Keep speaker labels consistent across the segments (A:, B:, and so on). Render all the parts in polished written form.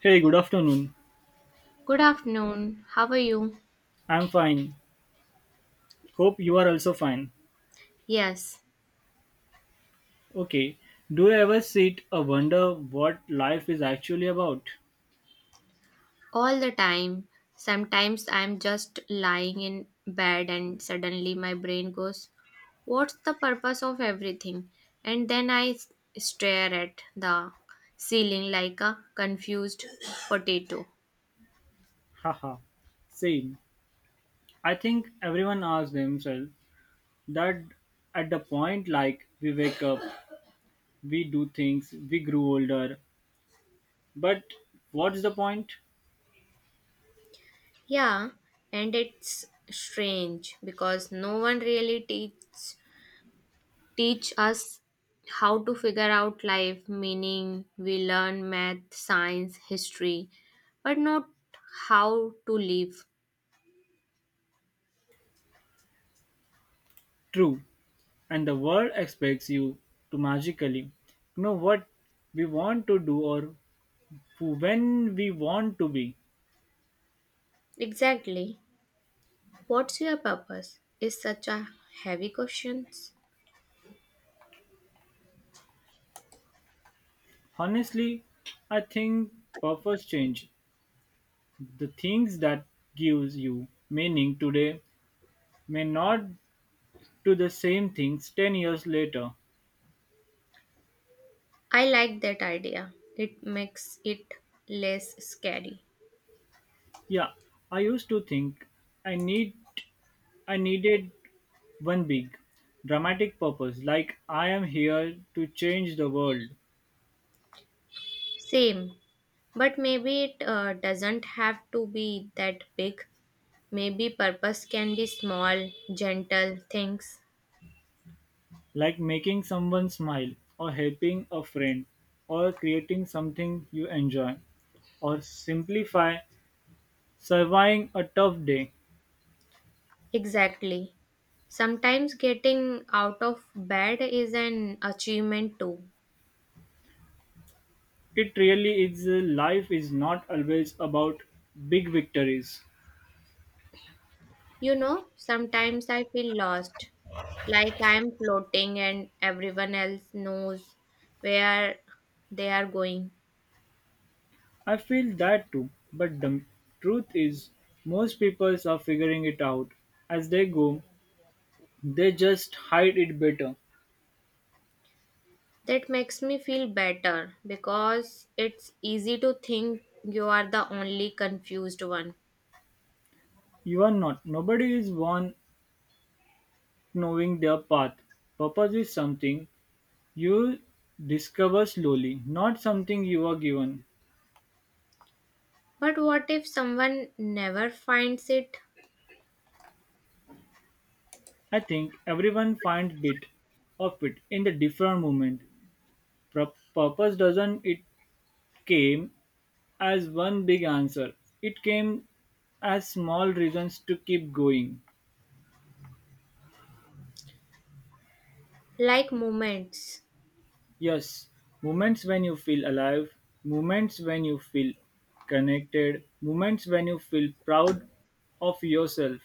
A: Hey, good afternoon.
B: Good afternoon. How are you?
A: I'm fine. Hope you are also fine.
B: Yes,
A: Okay. Do you ever sit or wonder what life is actually about?
B: all the time. Sometimes I'm just lying in bed and suddenly my brain goes, what's the purpose of everything? And then I stare at the ceiling like a confused potato.
A: Haha. Same. I think everyone asks themselves that at the point like we wake up, we do things, we grew older. But what's the point?
B: Yeah, and it's strange because no one really teaches teach us how to figure out life meaning. We learn math, science, history, but not how to live.
A: True. And the world expects you to magically know what we want to do or who when we want to be.
B: Exactly. What's your purpose is such a heavy question.
A: Honestly, I think purpose change. The things that gives you meaning today may not do the same things 10 years later.
B: I like that idea. It makes it less scary.
A: Yeah, I used to think I need I needed one big dramatic purpose like I am here to change the world,
B: Same. But maybe it doesn't have to be that big. Maybe purpose can be small, gentle things.
A: like making someone smile or helping a friend or creating something you enjoy or simplify surviving a tough day.
B: Exactly. Sometimes getting out of bed is an achievement too.
A: It really is. Life is not always about big victories.
B: You know, sometimes I feel lost, like I am floating and everyone else knows where they are going.
A: I feel that too, but the truth is, most people are figuring it out as they go. They just hide it better.
B: That makes me feel better because it's easy to think you are the only confused one.
A: You are not. Nobody is born knowing their path. Purpose is something you discover slowly, not something you are given.
B: But what if someone never finds it?
A: I think everyone finds bit of it in the different moment. Purpose doesn't it came as one big answer. It came as small reasons to keep going.
B: Like moments.
A: Yes, moments when you feel alive, moments when you feel connected, moments when you feel proud of yourself.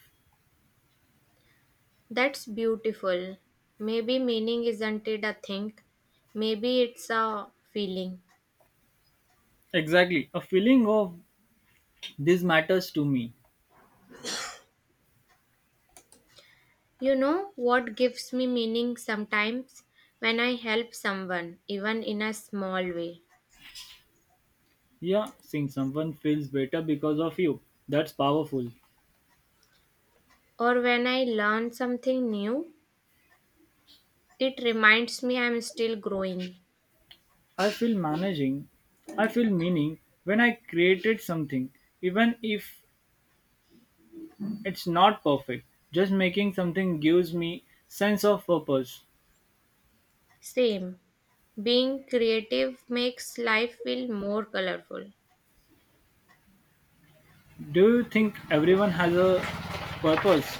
B: That's beautiful. Maybe meaning isn't it a thing, maybe it's a feeling.
A: Exactly, a feeling of this matters to me.
B: You know what gives me meaning sometimes? When I help someone, even in a small way,
A: Yeah, seeing someone feels better because of you. That's powerful.
B: or when I learn something new, it reminds me I'm still growing.
A: I feel managing, I feel meaning when I created something, even if it's not perfect. Just making something gives me sense of purpose.
B: Same. Being creative makes life feel more colorful.
A: Do you think everyone has a purpose?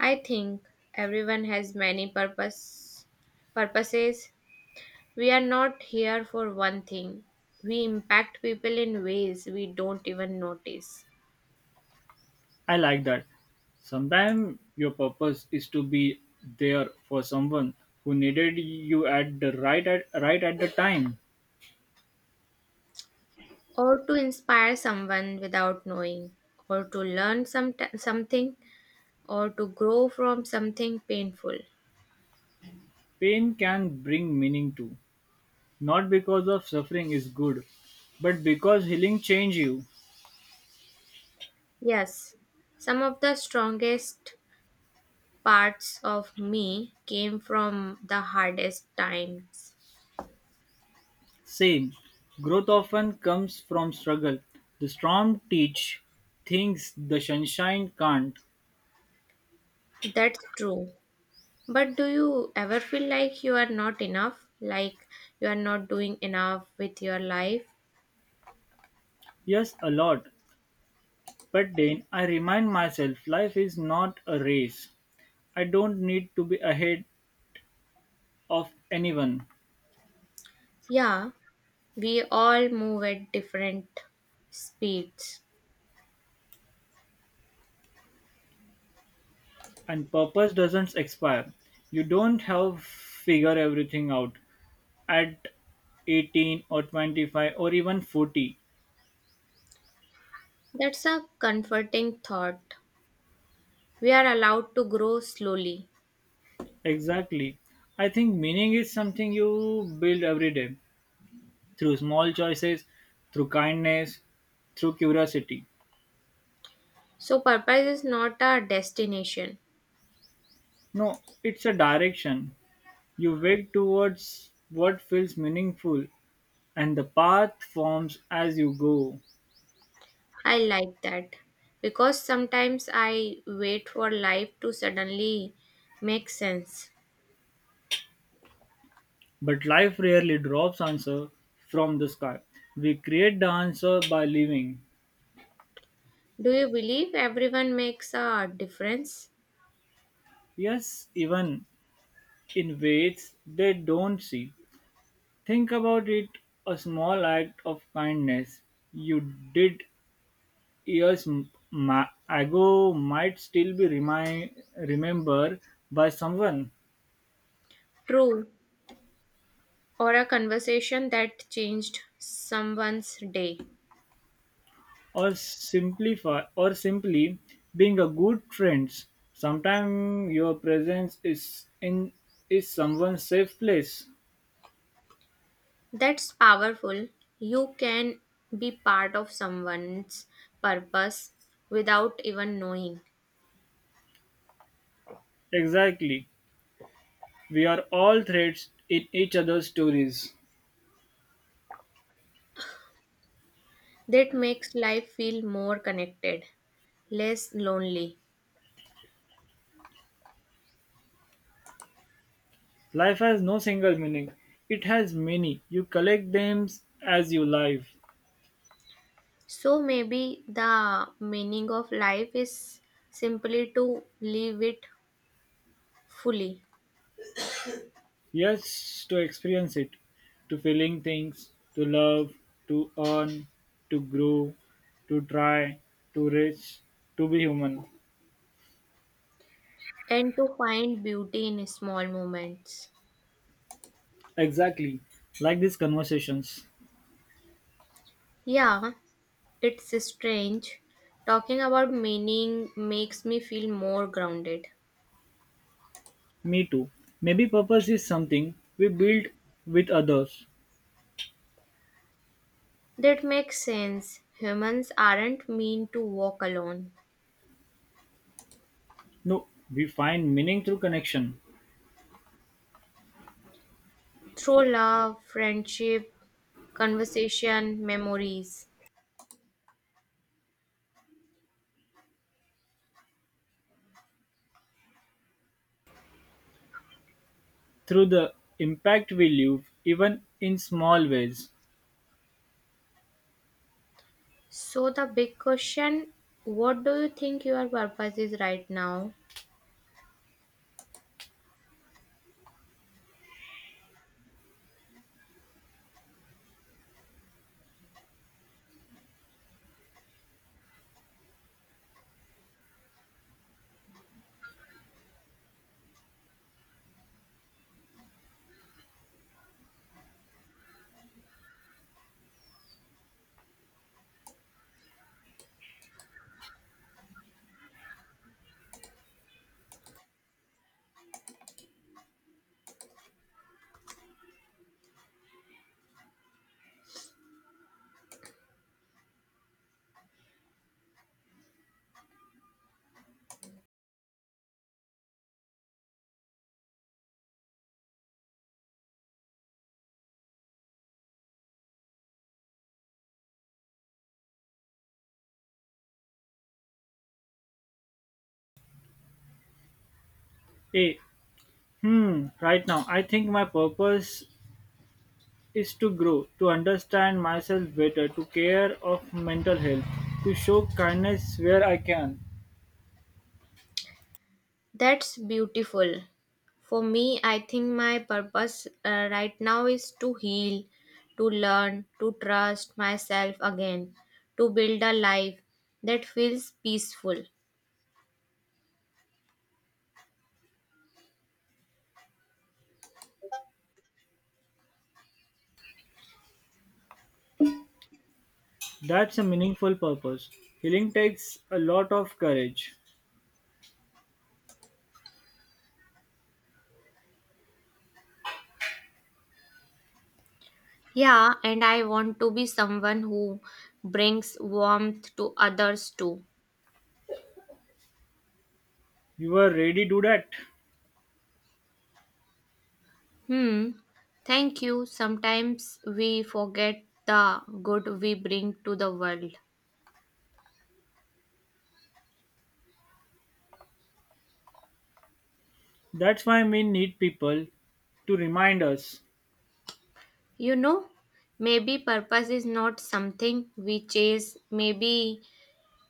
B: I think everyone has many purposes. We are not here for one thing. We impact people in ways we don't even notice,
A: I like that. Sometimes your purpose is to be there for someone who needed you at the right at the time.
B: or to inspire someone without knowing, or to learn something, or to grow from something painful.
A: Pain can bring meaning too. Not because of suffering is good, but because healing change you.
B: Yes, some of the strongest parts of me came from the hardest times.
A: Same. Growth often comes from struggle. The storm teach things the sunshine can't.
B: That's true. But do you ever feel like you are not enough? Like you are not doing enough with your life?
A: Yes, a lot. But then I remind myself life is not a race. I don't need to be ahead of anyone.
B: Yeah, we all move at different speeds.
A: And purpose doesn't expire. You don't have figure everything out at 18 or 25 or even 40.
B: That's a comforting thought. We are allowed to grow slowly.
A: Exactly. I think meaning is something you build every day, through small choices, through kindness, through curiosity.
B: So, purpose is not a destination.
A: No, it's a direction. You work towards what feels meaningful, and the path forms as you go.
B: I like that because sometimes I wait for life to suddenly make sense.
A: But life rarely drops answer from the sky. We create the answer by living.
B: Do you believe everyone makes a difference?
A: Yes, even in ways they don't see. Think about it a small act of kindness you did years ago might still be remembered by someone,
B: True, or a conversation that changed someone's day.
A: or simplify or simply being a good friend. Sometimes your presence is in is someone's safe place.
B: That's powerful. You can be part of someone's purpose without even knowing.
A: Exactly, we are all threads in each other's stories.
B: That makes life feel more connected, less lonely.
A: Life has no single meaning, it has many you collect them as you live.
B: So maybe the meaning of life is simply to live it fully
A: Yes, to experience it, to feeling things, to love, to earn, to grow, to try, to reach, to be human.
B: and to find beauty in small moments.
A: Exactly, like these conversations.
B: Yeah, it's strange. Talking about meaning makes me feel more grounded.
A: Me too. Maybe purpose is something we build with others.
B: That makes sense. Humans aren't meant to walk alone.
A: No, we find meaning through connection,
B: Through love, friendship, conversation, memories.
A: through the impact we leave, even in small ways.
B: So, the big question: what do you think your purpose is right now?
A: Hey, right now I think my purpose is to grow, to understand myself better, to care of mental health, to show kindness where I can.
B: That's beautiful. For me, I think my purpose right now is to heal, to learn, to trust myself again, to build a life that feels peaceful.
A: That's a meaningful purpose. Healing takes a lot of courage.
B: Yeah, and I want to be someone who brings warmth to others too.
A: You are ready to do that.
B: Hmm. Thank you. Sometimes we forget the good we bring to the world.
A: That's why we need people to remind us,
B: You know, maybe purpose is not something we chase, maybe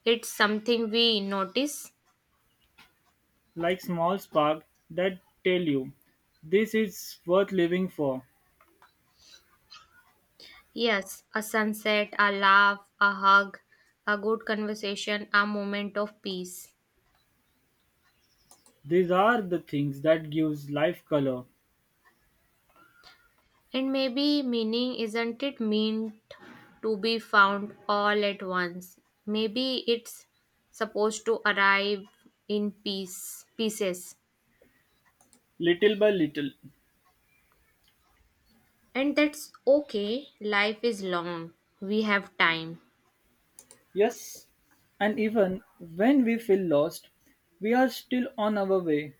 B: it's something we notice.
A: like small spark that tell you this is worth living for.
B: Yes, a sunset, a laugh, a hug, a good conversation, a moment of peace.
A: These are the things that gives life color,
B: And maybe meaning isn't it mean to be found all at once. Maybe it's supposed to arrive in pieces.
A: little by little.
B: And that's okay. Life is long. We have time.
A: Yes, and even when we feel lost, we are still on our way.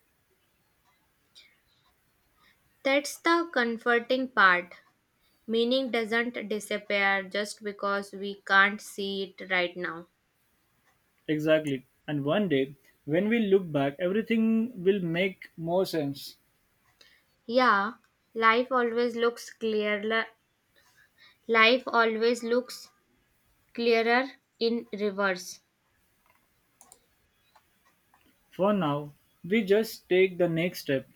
B: That's the comforting part. Meaning doesn't disappear just because we can't see it right now.
A: Exactly. And one day, when we look back, everything will make more sense.
B: Yeah, life always looks clearer. Life always looks clearer in reverse.
A: For now, we just take the next step.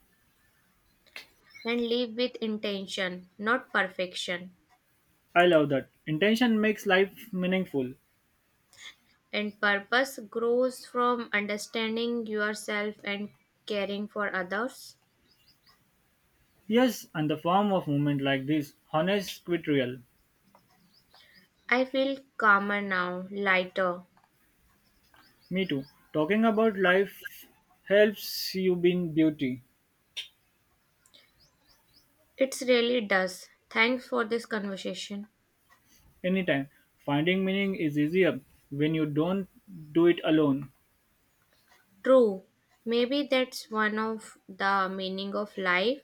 B: And live with intention, not perfection.
A: I love that. Intention makes life meaningful.
B: And purpose grows from understanding yourself and caring for others.
A: Yes, and the form of movement like this, honest quit real.
B: I feel calmer now, lighter.
A: Me too. Talking about life helps you in beauty.
B: It really does. Thanks for this conversation.
A: Anytime. Finding meaning is easier when you don't do it alone.
B: True. Maybe that's one of the meaning of life,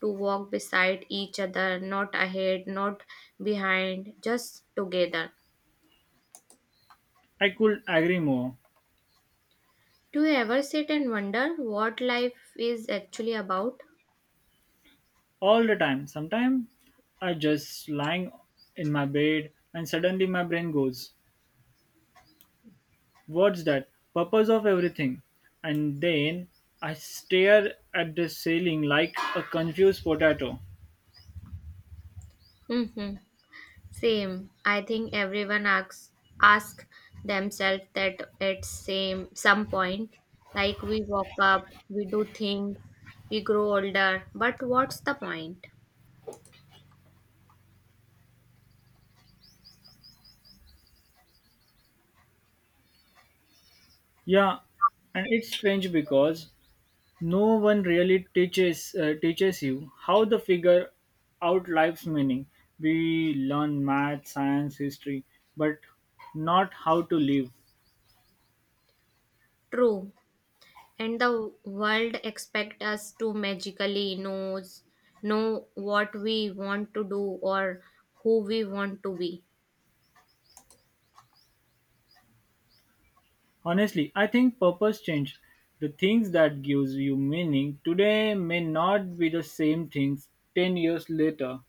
B: to walk beside each other, not ahead, not behind, just together.
A: I could agree more.
B: Do you ever sit and wonder what life is actually about?
A: All the time. Sometimes I just lying in my bed and suddenly my brain goes, what's that? Purpose of everything. And then I stare at the ceiling like a confused potato.
B: Hmm. Same. I think everyone asks ask themselves that at same some point. Like we walk up, we do things, we grow older, but what's the point?
A: Yeah, and it's strange because no one really teaches teaches you how to figure out life's meaning. We learn math, science, history, but not how to live.
B: True. And the world expect us to magically know what we want to do or who we want to be.
A: Honestly, I think purpose change. The things that gives you meaning today may not be the same things 10 years later.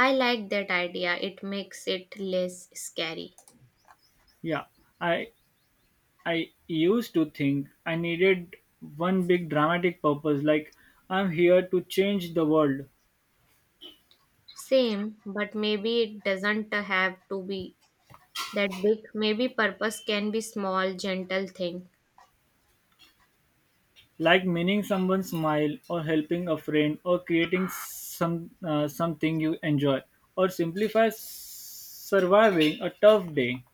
B: I like that idea. It makes it less scary.
A: Yeah, I I used to think I needed one big dramatic purpose like I'm here to change the world,
B: Same, but maybe it doesn't have to be that big. Maybe purpose can be small, gentle thing.
A: like meaning someone's smile or helping a friend or creating something you enjoy or surviving a tough day.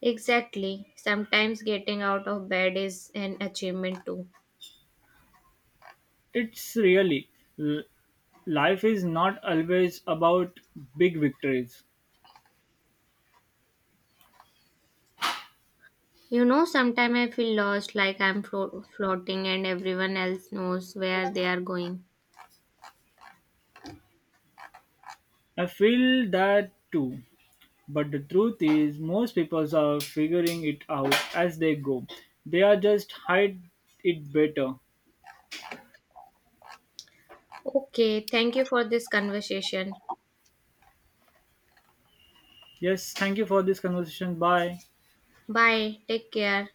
B: Exactly. Sometimes getting out of bed is an achievement too.
A: It's really l- life is not always about big victories.
B: You know, sometimes I feel lost, like I'm floating and everyone else knows where they are going.
A: I feel that too. But the truth is, most people are figuring it out as they go. They are just hide it better.
B: Okay, thank you for this conversation.
A: Yes, thank you for this conversation. Bye.
B: Bye. Take care.